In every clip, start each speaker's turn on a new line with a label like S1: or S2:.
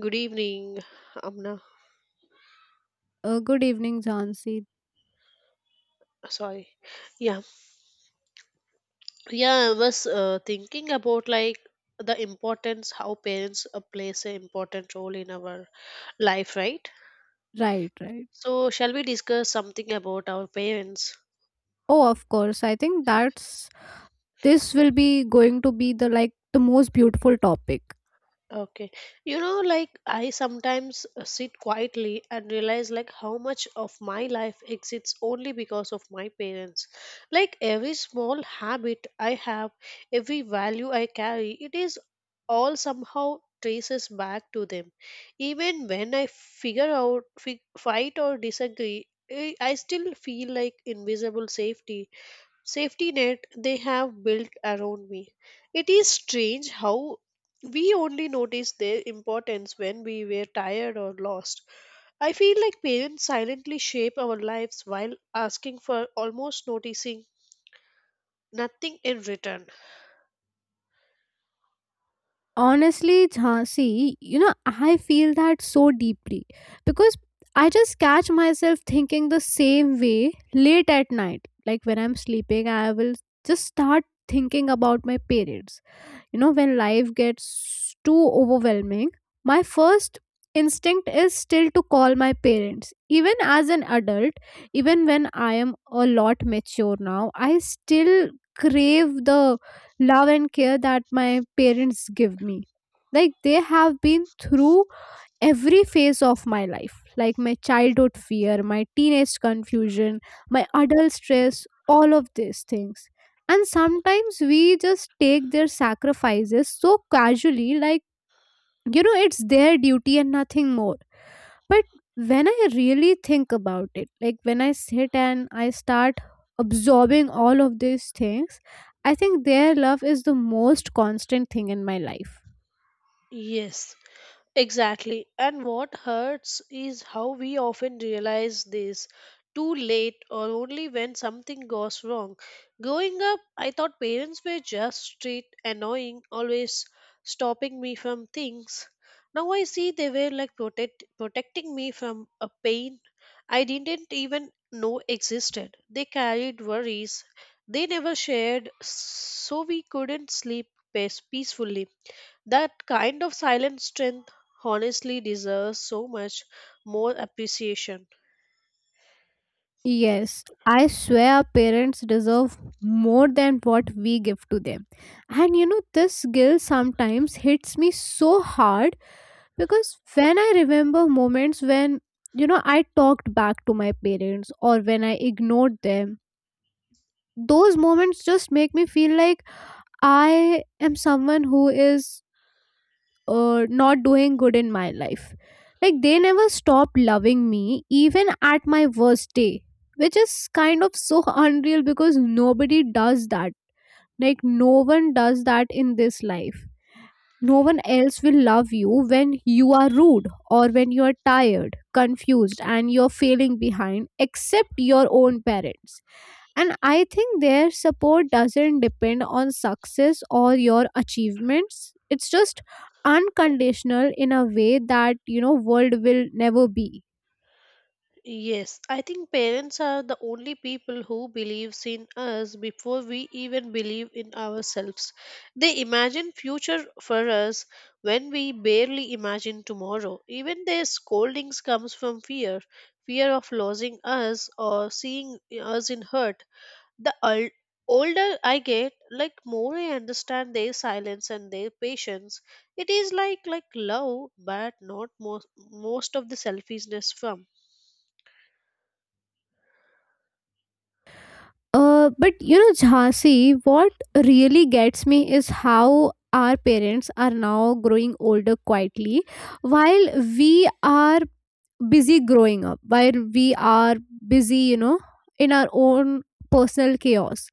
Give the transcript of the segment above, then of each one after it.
S1: Good evening, Amna.
S2: Good evening, Jhansi.
S1: Sorry. Yeah. Yeah, I was thinking about like the importance how parents plays an important role in our life, right?
S2: Right, right.
S1: So, shall we discuss something about our parents?
S2: Oh, of course. I think that's this will be going to be the like the most beautiful topic.
S1: Okay. Like I sometimes sit quietly and realize like how much of my life exists only because of my parents. Like every small habit I have, every value I carry, it is all somehow traces back to them. Even when I figure out, fight or disagree, I still feel like invisible safety net they have built around me. It is strange how we only notice their importance when we were tired or lost. I feel like parents silently shape our lives while asking for almost noticing nothing in return.
S2: Honestly, Jhansi, you know, I feel that so deeply because I just catch myself thinking the same way late at night. Like when I'm sleeping, I will just start thinking about my parents. You know, when life gets too overwhelming, my first instinct is still to call my parents, even as an adult, even when I am a lot mature now, I still crave the love and care that my parents give me. Like they have been through every phase of my life, like my childhood fear, my teenage confusion, my adult stress, all of these things. And sometimes we just take their sacrifices so casually, like, you know, it's their duty and nothing more. But when I really think about it, like when I sit and I start absorbing all of these things, I think their love is the most constant thing in my life.
S1: Yes, exactly. And what hurts is how we often realize this too late or only when something goes wrong. Growing up, I thought parents were just strict, annoying, always stopping me from things. Now I see they were like protecting me from a pain I didn't even know existed. They carried worries they never shared, so we couldn't sleep peacefully. That kind of silent strength honestly deserves so much more appreciation.
S2: Yes, I swear our parents deserve more than what we give to them. And you know, this guilt sometimes hits me so hard because when I remember moments when, you know, I talked back to my parents or when I ignored them, those moments just make me feel like I am someone who is not doing good in my life. Like they never stopped loving me even at my worst day, which is kind of so unreal because nobody does that. Like no one does that in this life. No one else will love you when you are rude or when you are tired, confused, and you're feeling behind, except your own parents. And I think their support doesn't depend on success or your achievements. It's just unconditional in a way that, you know, world will never be.
S1: Yes, I think parents are the only people who believes in us before we even believe in ourselves. They imagine future for us when we barely imagine tomorrow. Even their scoldings comes from fear, fear of losing us or seeing us in hurt. The older I get, like more I understand their silence and their patience. It is like love, but not most of the selfishness from.
S2: But you know, Jhansi, what really gets me is how our parents are now growing older quietly while we are busy growing up, while we are busy, you know, in our own personal chaos.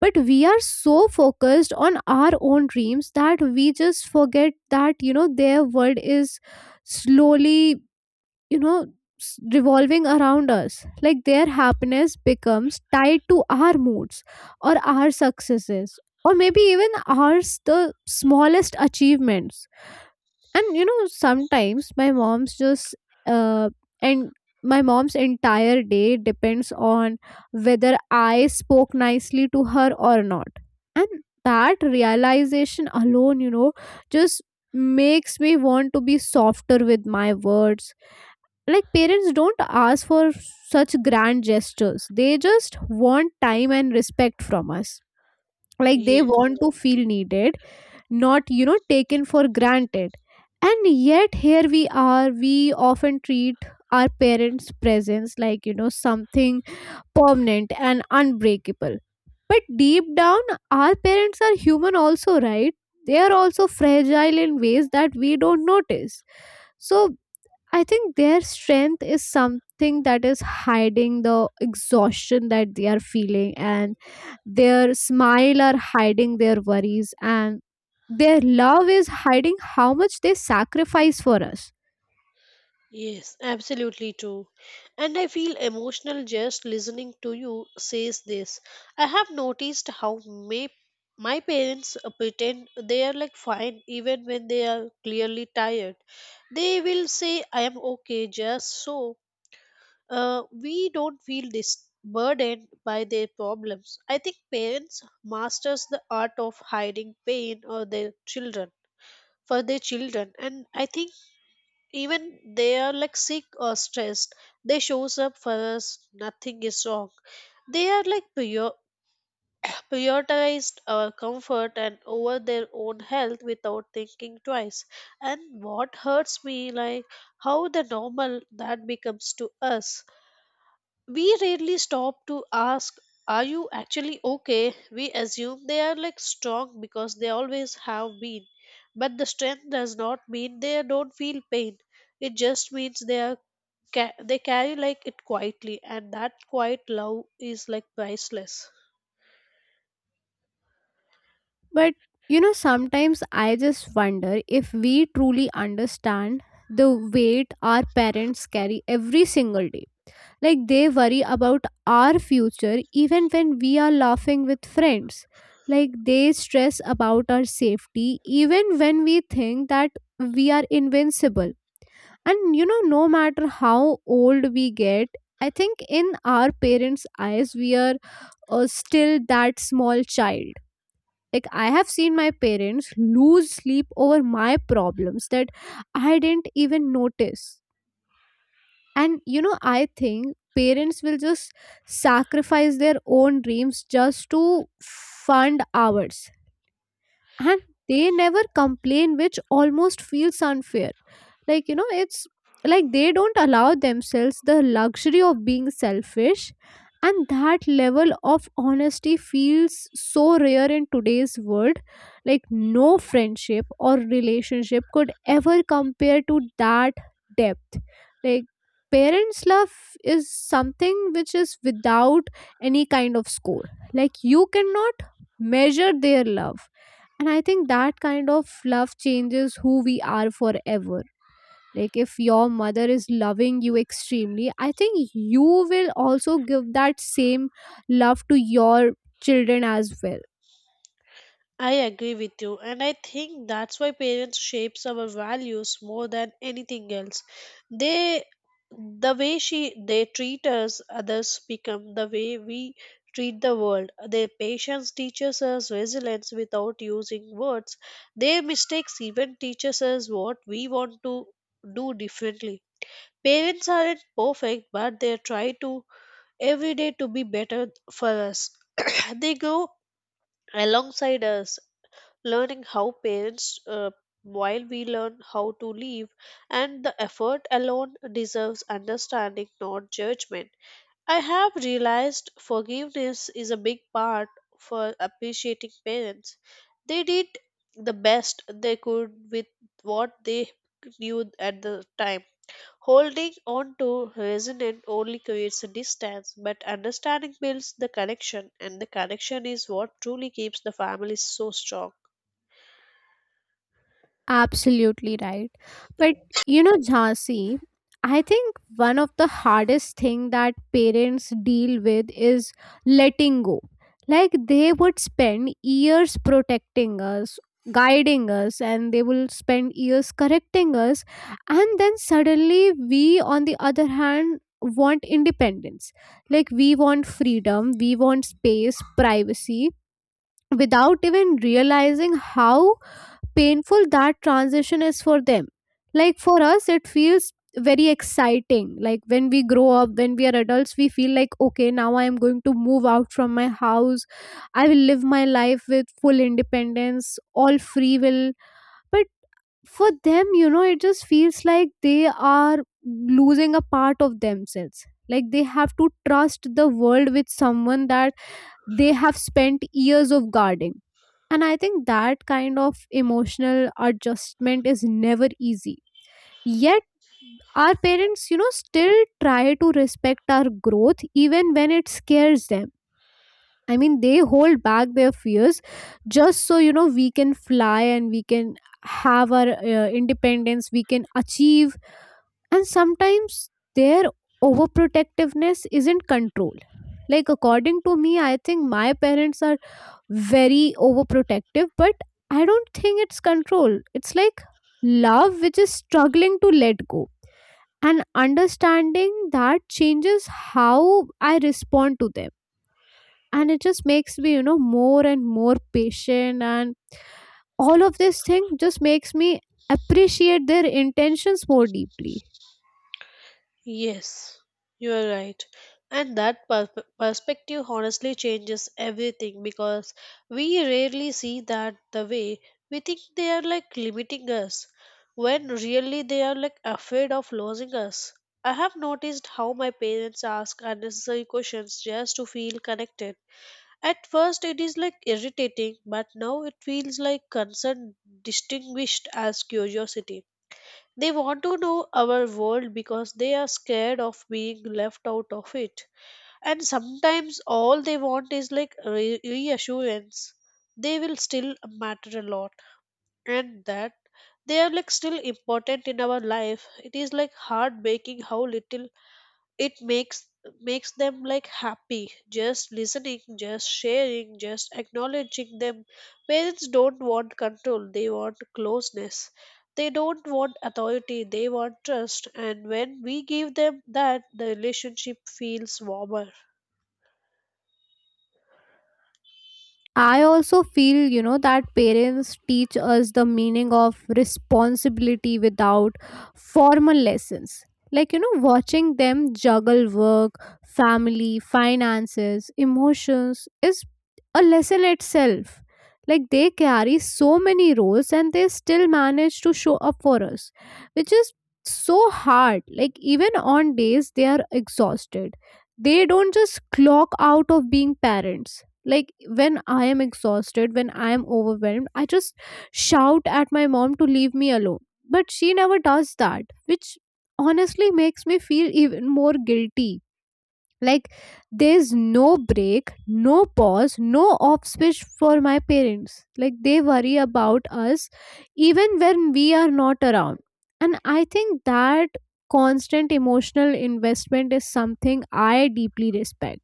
S2: But we are so focused on our own dreams that we just forget that, you know, their world is slowly, you know, revolving around us. Like their happiness becomes tied to our moods or our successes or maybe even ours, the smallest achievements. And you know, sometimes uh and my mom's entire day depends on whether I spoke nicely to her or not. And that realization alone, you know, just makes me want to be softer with my words. Like parents don't ask for such grand gestures, they just want time and respect from us. Like they
S1: Yes,
S2: want to feel needed, not, you know, taken for granted. And yet here we are, we often treat our parents presence like, you know, something permanent and unbreakable. But deep down, our parents are human also, right? They are also fragile in ways that we don't notice. So I think their strength is something that is hiding the exhaustion that they are feeling, and their smile are hiding their worries, and their love is hiding how much they sacrifice for us.
S1: yes, absolutely true. And I feel emotional just listening to you says this. I have noticed how may my parents pretend they are like fine even when they are clearly tired. They will say I am okay just so we don't feel this burdened by their problems. I think parents masters the art of hiding pain or their children for their children. And I think even they are like sick or stressed, they shows up for us nothing is wrong. They are like prioritized our comfort and over their own health without thinking twice. And what hurts me like how the normal that becomes to us, we rarely stop to ask, are you actually okay? We assume they are like strong because they always have been, but the strength does not mean they don't feel pain. It just means they are they carry like it quietly, and that quiet love is like priceless.
S2: But you know, sometimes I just wonder if we truly understand the weight our parents carry every single day. Like they worry about our future even when we are laughing with friends. Like they stress about our safety even when we think that we are invincible. And you know, no matter how old we get, I think in our parents' eyes, we are still that small child. Like, I have seen my parents lose sleep over my problems that I didn't even notice. And you know, I think parents will just sacrifice their own dreams just to fund ours, and they never complain, which almost feels unfair. Like, you know, it's like they don't allow themselves the luxury of being selfish. And that level of honesty feels so rare in today's world. Like no friendship or relationship could ever compare to that depth. Like parents love is something which is without any kind of score. Like you cannot measure their love. And I think that kind of love changes who we are forever. Like if your mother is loving you extremely, I think you will also give that same love to your children as well.
S1: I agree with you, and I think that's why parents shapes our values more than anything else. They, the way she they treat us, others become the way we treat the world. Their patience teaches us resilience without using words. Their mistakes even teaches us what we want to do differently. Parents aren't perfect, but they try to every day to be better for us. They grow alongside us learning how parents while we learn how to live, and the effort alone deserves understanding not judgment. I have realized forgiveness is a big part for appreciating parents. They did the best they could with what they knew at the time. Holding on to resentment only creates a distance, but understanding builds the connection, and the connection is what truly keeps the family so strong.
S2: Absolutely right. But you know, Jhansi, I think one of the hardest thing that parents deal with is letting go. Like they would spend years protecting us, guiding us, and they will spend years correcting us, and then suddenly we, on the other hand, want independence. Like we want freedom, we want space, privacy, without even realizing how painful that transition is for them. Like for us it feels very exciting, like when we grow up, when we are adults, we feel like, okay, now I am going to move out from my house, I will live my life with full independence, all free will. But for them, you know, it just feels like they are losing a part of themselves. Like they have to trust the world with someone that they have spent years of guarding. And I think that kind of emotional adjustment is never easy. Yet, our parents, you know, still try to respect our growth even when it scares them. I mean, they hold back their fears just so, you know, we can fly and we can have our independence, we can achieve. And sometimes their overprotectiveness isn't control. Like, according to me, I think my parents are very overprotective, but I don't think it's control. It's like love which is struggling to let go. And understanding that changes how I respond to them, and it just makes me, you know, more and more patient. And all of this thing just makes me appreciate their intentions more deeply.
S1: Yes, you are right. And that perspective honestly changes everything because we rarely see that the way we think they are like limiting us when really they are like afraid of losing us. I have noticed how my parents ask unnecessary questions just to feel connected. At first, it is like irritating, but now it feels like concern distinguished as curiosity. They want to know our world because they are scared of being left out of it. And sometimes all they want is like reassurance. They will still matter a lot, and that they are like still important in our life. It is like heartbreaking how little it makes them like happy, just listening, just sharing, just acknowledging them. Parents don't want control, they want closeness. They don't want authority, they want trust, and when we give them that the relationship feels warmer.
S2: I also feel, you know, that parents teach us the meaning of responsibility without formal lessons. Like, you know, watching them juggle work, family, finances, emotions is a lesson itself. Like, they carry so many roles and they still manage to show up for us, which is so hard. Like, even on days they are exhausted, they don't just clock out of being parents. Like when I am exhausted, when I am overwhelmed, I just shout at my mom to leave me alone, but she never does that, which honestly makes me feel even more guilty. Like there's no break, no pause, no off switch for my parents. Like they worry about us even when we are not around. And I think that constant emotional investment is something I deeply respect.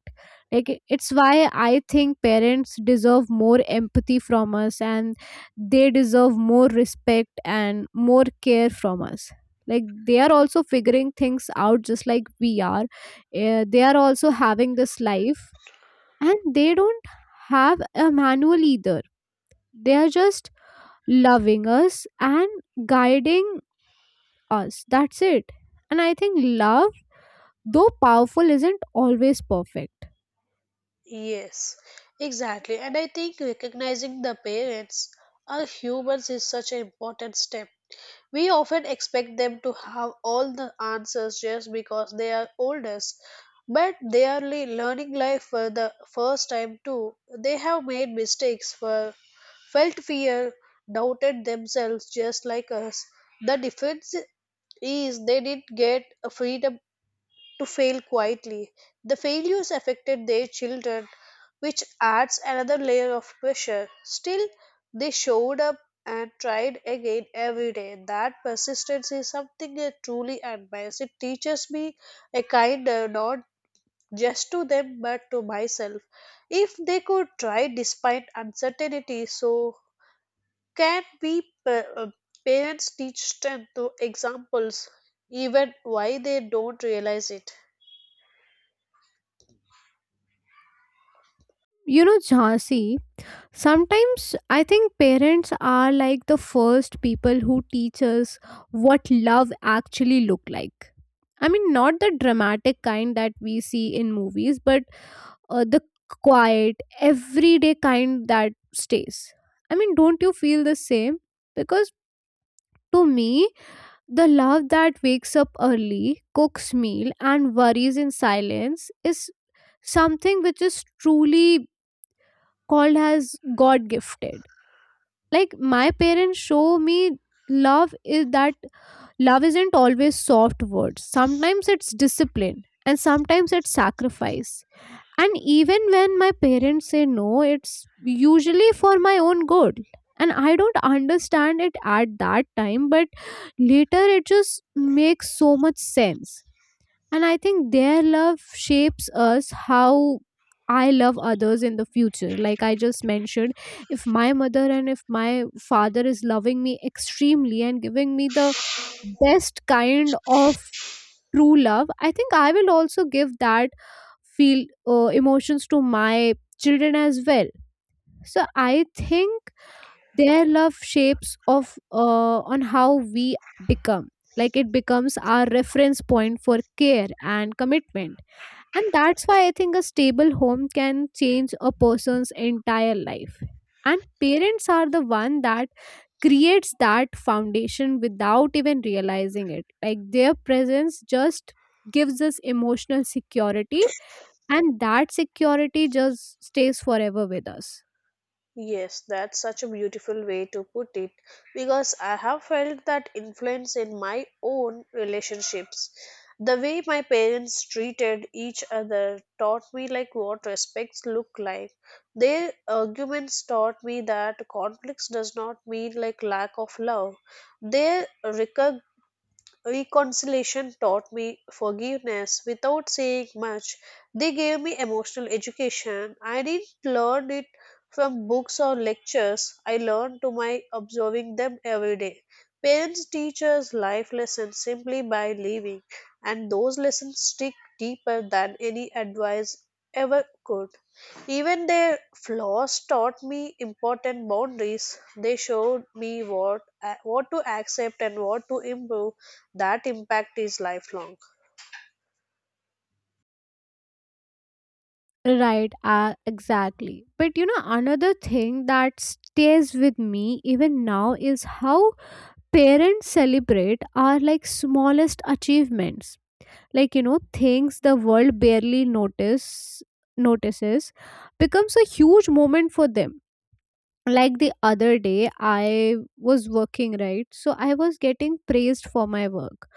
S2: Like it's why I think parents deserve more empathy from us, and they deserve more respect and more care from us. Like they are also figuring things out just like we are. Eh, they are also having this life, and they don't have a manual either. They are just loving us and guiding us, that's it. And I think love, though powerful, isn't always perfect.
S1: Yes, exactly. And I think recognizing the parents are humans is such an important step. We often expect them to have all the answers just because they are oldest, but they are learning life for the first time too. They have made mistakes, felt fear, doubted themselves just like us. The difference is they didn't get a freedom to fail quietly. The failures affected their children, which adds another layer of pressure. Still, they showed up and tried again every day. That persistence is something I truly admire. It teaches me a kinder, not just to them but to myself. If they could try despite uncertainty, so can we parents teach strength through examples, even why they don't realize it.
S2: You know, Jhansi, sometimes I think parents are like the first people who teach us what love actually look like. I mean, not the dramatic kind that we see in movies, but the quiet everyday kind that stays. I mean, don't you feel the same? Because to me, the love that wakes up early, cooks meal, and worries in silence is something which is truly called as god gifted. Like my parents show me love is that love isn't always soft words, sometimes it's discipline and sometimes it's sacrifice. And even when my parents say no, it's usually for my own good. And I don't understand it at that time, but later it just makes so much sense. And I think their love shapes us how I love others in the future. Like I just mentioned, if my mother and if my father is loving me extremely and giving me the best kind of true love, I think I will also give that feel emotions to my children as well. So I think their love shapes of on how we become. Like it becomes our reference point for care and commitment. And that's why I think a stable home can change a person's entire life. And parents are the one that creates that foundation without even realizing it. Like their presence just gives us emotional security, and that security just stays forever with us.
S1: Yes, that's such a beautiful way to put it because I have felt that influence in my own relationships. The way my parents treated each other taught me like what respects look like. Their arguments taught me that conflicts does not mean like lack of love. They recog- Reconciliation taught me forgiveness without saying much. They gave me emotional education. I didn't learn it from books or lectures. I learned to my observing them every day. Parents teach us life lessons simply by living, and those lessons stick deeper than any advice ever could. Even their flaws taught me important boundaries. They showed me what to accept and what to improve. That impact is lifelong.
S2: Right, exactly. But you know, another thing that stays with me even now is how parents celebrate our like smallest achievements. Like, you know, things the world barely notices becomes a huge moment for them. Like the other day I was working, right, so I was getting praised for my work.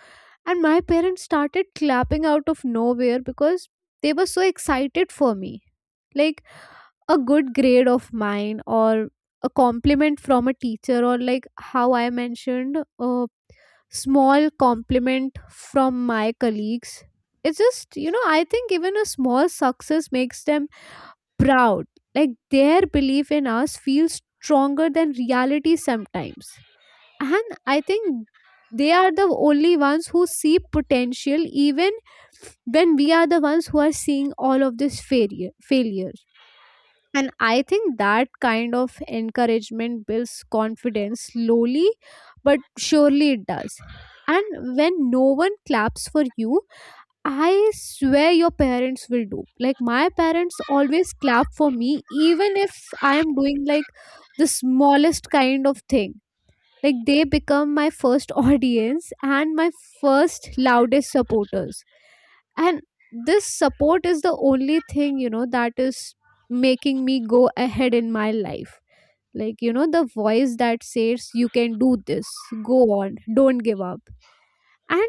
S2: And my parents started clapping out of nowhere because they were so excited for me. Like a good grade of mine, or a compliment from a teacher, or like how I mentioned, a small compliment from my colleagues. It's just, I think even a small success makes them proud. Like their belief in us feels stronger than reality sometimes, and I think they are the only ones who see potential even when we are the ones who are seeing all of this failure. And I think that kind of encouragement builds confidence slowly but surely it does. And when no one claps for you, I swear your parents will, do like my parents always clap for me even if I am doing like the smallest kind of thing. Like they become my first audience and my first loudest supporters. And this support is the only thing, that is making me go ahead in my life. Like you know, the voice that says you can do this, go on, don't give up. And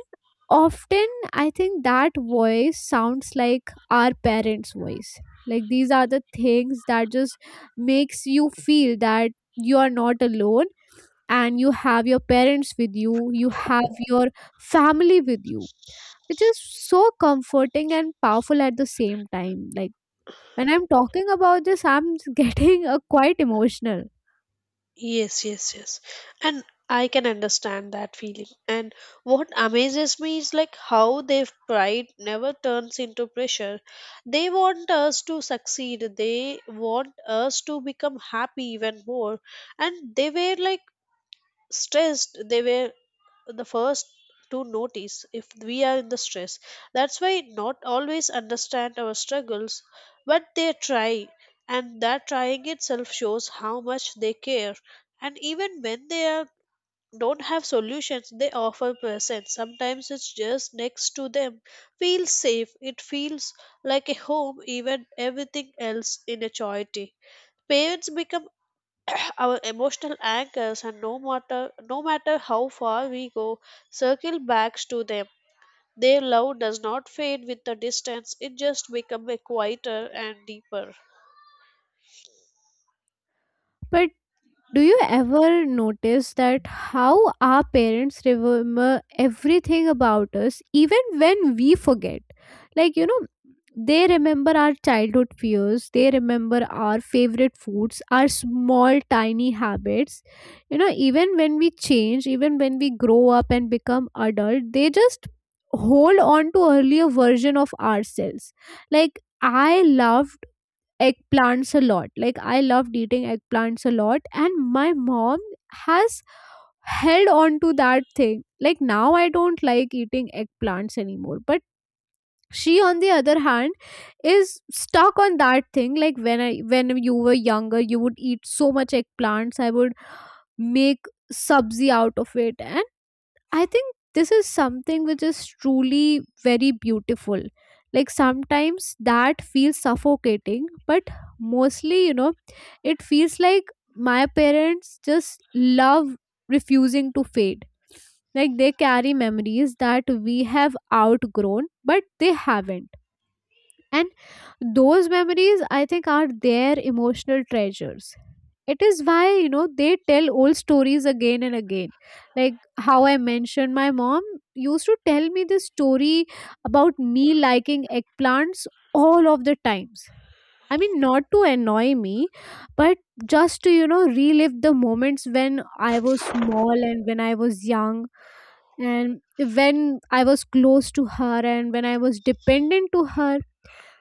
S2: often I think that voice sounds like our parents' voice. Like these are the things that just makes you feel that you are not alone, and you have your parents with you, you have your family with you, which is so comforting and powerful at the same time. Like when I'm talking about this, I'm getting quite emotional.
S1: Yes, yes, yes. And I can understand that feeling. And what amazes me is like how their pride never turns into pressure. They want us to succeed. They want us to become happy even more. And they were like stressed. They were the first to notice if we are in the stress. That's why not always understand our struggles, but they try, and that trying itself shows how much they care. And even when they are don't have solutions, they offer presence. Sometimes it's just next to them feels safe. It feels like a home even everything else in a charity. Parents become our emotional anchors, and no matter how far we go, circle back to them. Their love does not fade with the distance, it just becomes quieter and deeper.
S2: But do you ever notice that how our parents remember everything about us even when we forget? Like you know, they remember our childhood fears, they remember our favorite foods, our small tiny habits. You know, even when we change, even when we grow up and become adult, they just hold on to earlier version of ourselves. Like I love eggplants a lot. Like I loved eating eggplants a lot, and my mom has held on to that thing. Like now I don't like eating eggplants anymore, but she on the other hand is stuck on that thing, like when you were younger you would eat so much eggplants, I would make subzi out of it. And I think this is something which is truly very beautiful. Like sometimes that feels suffocating, but mostly, it feels like my parents' just love refusing to fade. Like they carry memories that we have outgrown, but they haven't. And those memories, I think, are their emotional treasures. It is why, they tell old stories again and again. Like how I mentioned, my mom used to tell me this story about me liking eggplants all of the times. I mean, not to annoy me, but just to, relive the moments when I was small and when I was young and when I was close to her and when I was dependent to her.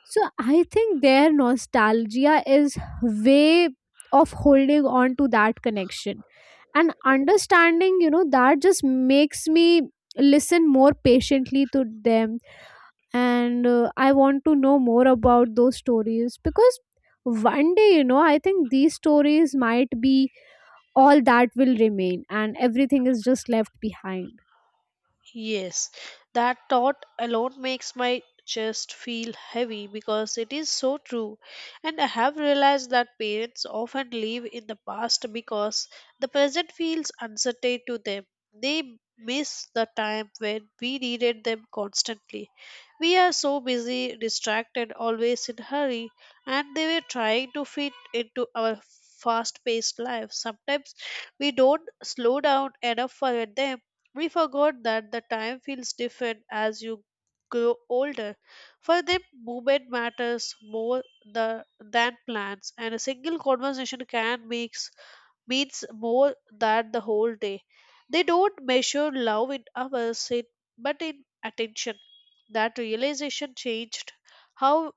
S2: So I think their nostalgia is way of holding on to that connection. And understanding, that just makes me listen more patiently to them. And I want to know more about those stories because one day, I think these stories might be all that will remain and everything is just left behind.
S1: Yes, that thought alone makes my chest feel heavy because it is so true. And I have realized that parents often live in the past because the present feels uncertain to them. They miss the time when we needed them constantly. We are so busy, distracted, always in hurry, and they were trying to fit into our fast-paced lives. Sometimes we don't slow down enough for them. We forgot that the time feels different as you grow older. For them, movement matters more than plans, and a single conversation can makes means more than the whole day. They don't measure love in hours, but in attention. That realization changed how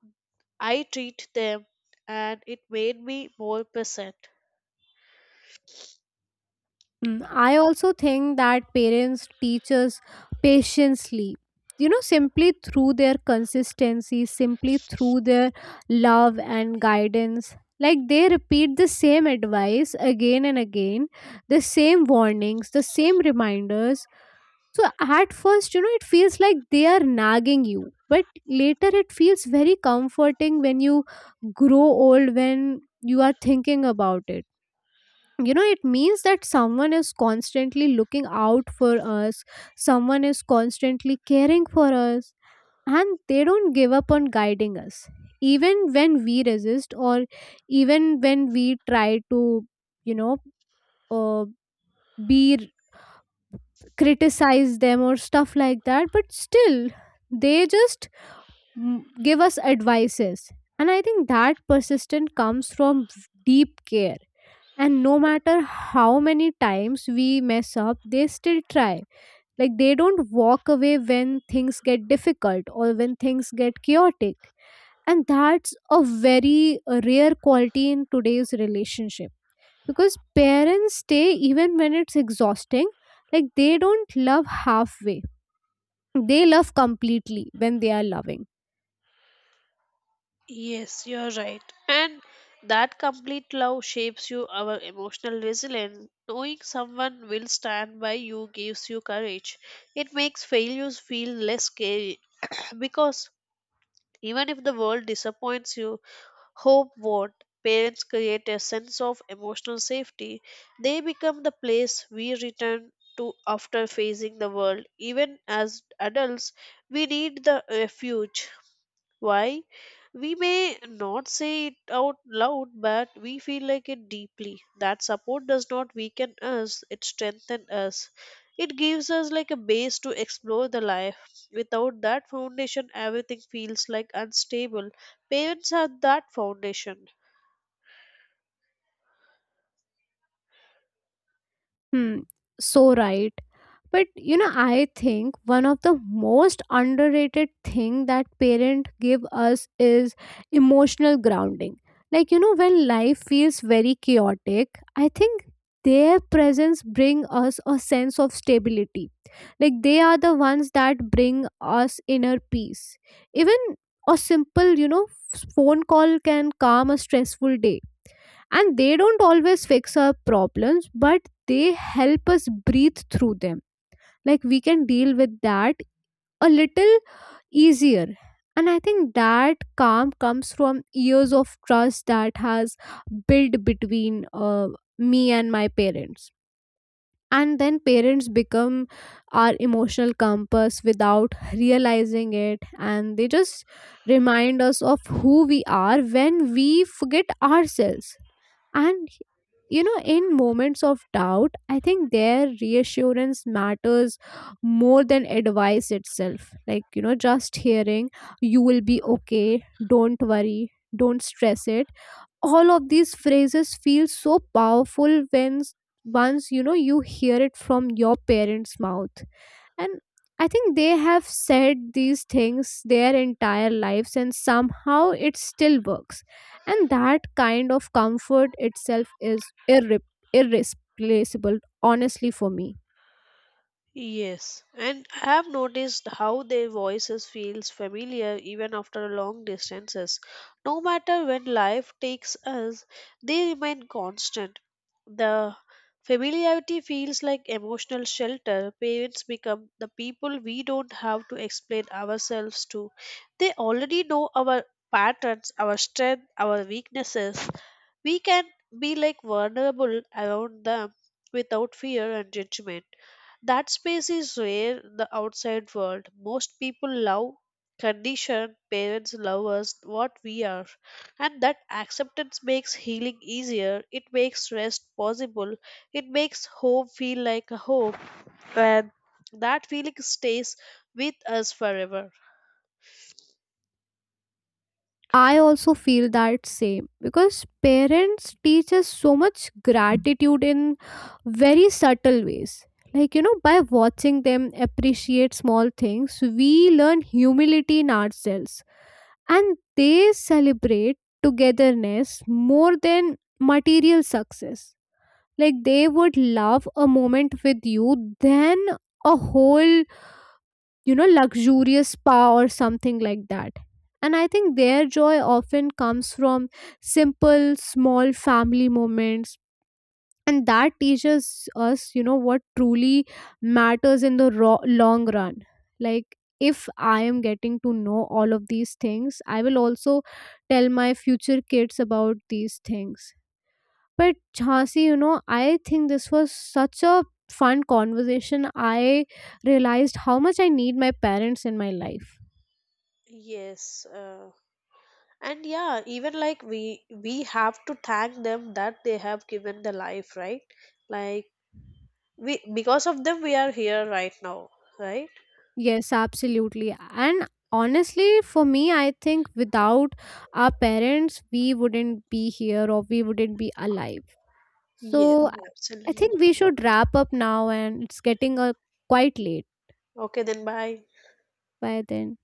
S1: I treat them, and it made me more present.
S2: Mm, I also think that parents teach us patiently, simply through their consistency, simply through their love and guidance. Like they repeat the same advice again and again, the same warnings, the same reminders. So at first, it feels like they are nagging you, but later it feels very comforting. When you grow old, when you are thinking about it, you know, it means that someone is constantly looking out for us, someone is constantly caring for us, and they don't give up on guiding us even when we resist, or even when we try to, you know uh, be criticize them or stuff like that. But still they just, mm, give us advices. And I think that persistence comes from deep care, and no matter how many times we mess up they still try. Like they don't walk away when things get difficult or when things get chaotic. And that's a very rare quality in today's relationship, because parents stay even when it's exhausting. Like they don't love halfway, they love completely when they are loving.
S1: Yes, you're right. And that complete love shapes you our emotional resilience. Knowing someone will stand by you gives you courage. It makes failures feel less scary because even if the world disappoints you, hope won't. Parents create a sense of emotional safety. They become the place we return to after facing the world. Even as adults, we need the refuge why? We may not say it out loud, but we feel like it deeply. That support does not weaken us, it strengthens us. It gives us like a base to explore the life. Without that foundation, everything feels like unstable. Parents are that foundation.
S2: Hmm, so right. But you know, I think one of the most underrated thing that parents give us is emotional grounding. Like you know, when life feels very chaotic, I think their presence bring us a sense of stability. Like they are the ones that bring us inner peace. Even a simple, phone call can calm a stressful day, and they don't always fix our problems but they help us breathe through them, like we can deal with that a little easier. And I think that calm comes from years of trust that has built between me and my parents. And then parents become our emotional compass without realizing it, and they just remind us of who we are when we forget ourselves. And you know, in moments of doubt, I think their reassurance matters more than advice itself. Like, just hearing you will be okay, don't worry, don't stress it. All of these phrases feel so powerful when once you know you hear it from your parents' mouth. And I think they have said these things their entire lives and somehow it still works. And that kind of comfort itself is irreplaceable, honestly, for me.
S1: Yes, and I have noticed how their voices feels familiar even after long distances. No matter when life takes us, they remain constant. The familiarity feels like emotional shelter. Parents become the people we don't have to explain ourselves to. They already know our patterns, our strength, our weaknesses. We can be like vulnerable around them without fear and judgment. That space is where the outside world. Most people love, condition, parents love us what we are. And that acceptance makes healing easier. It makes rest possible. It makes home feel like a home. And that feeling stays with us forever.
S2: I also feel that same, because parents teach us so much gratitude in very subtle ways. Like, by watching them appreciate small things, we learn humility in ourselves, and they celebrate togetherness more than material success. Like, they would love a moment with you than a whole, luxurious spa or something like that. And I think their joy often comes from simple, small family moments. And that teaches us, what truly matters in the long run. Like, if I am getting to know all of these things, I will also tell my future kids about these things. But Jhansi, you know, I think this was such a fun conversation. I realized how much I need my parents in my life.
S1: Yes. And yeah, even like we have to thank them that they have given the life, right? Like we because of them we are here right now, right?
S2: Yes, absolutely. And honestly, for me, I think without our parents, we wouldn't be here or we wouldn't be alive.
S1: Yes,
S2: So I. Yes. I
S1: absolutely.
S2: think we should wrap up now, and it's getting quite late
S1: Okay, then bye.
S2: by then.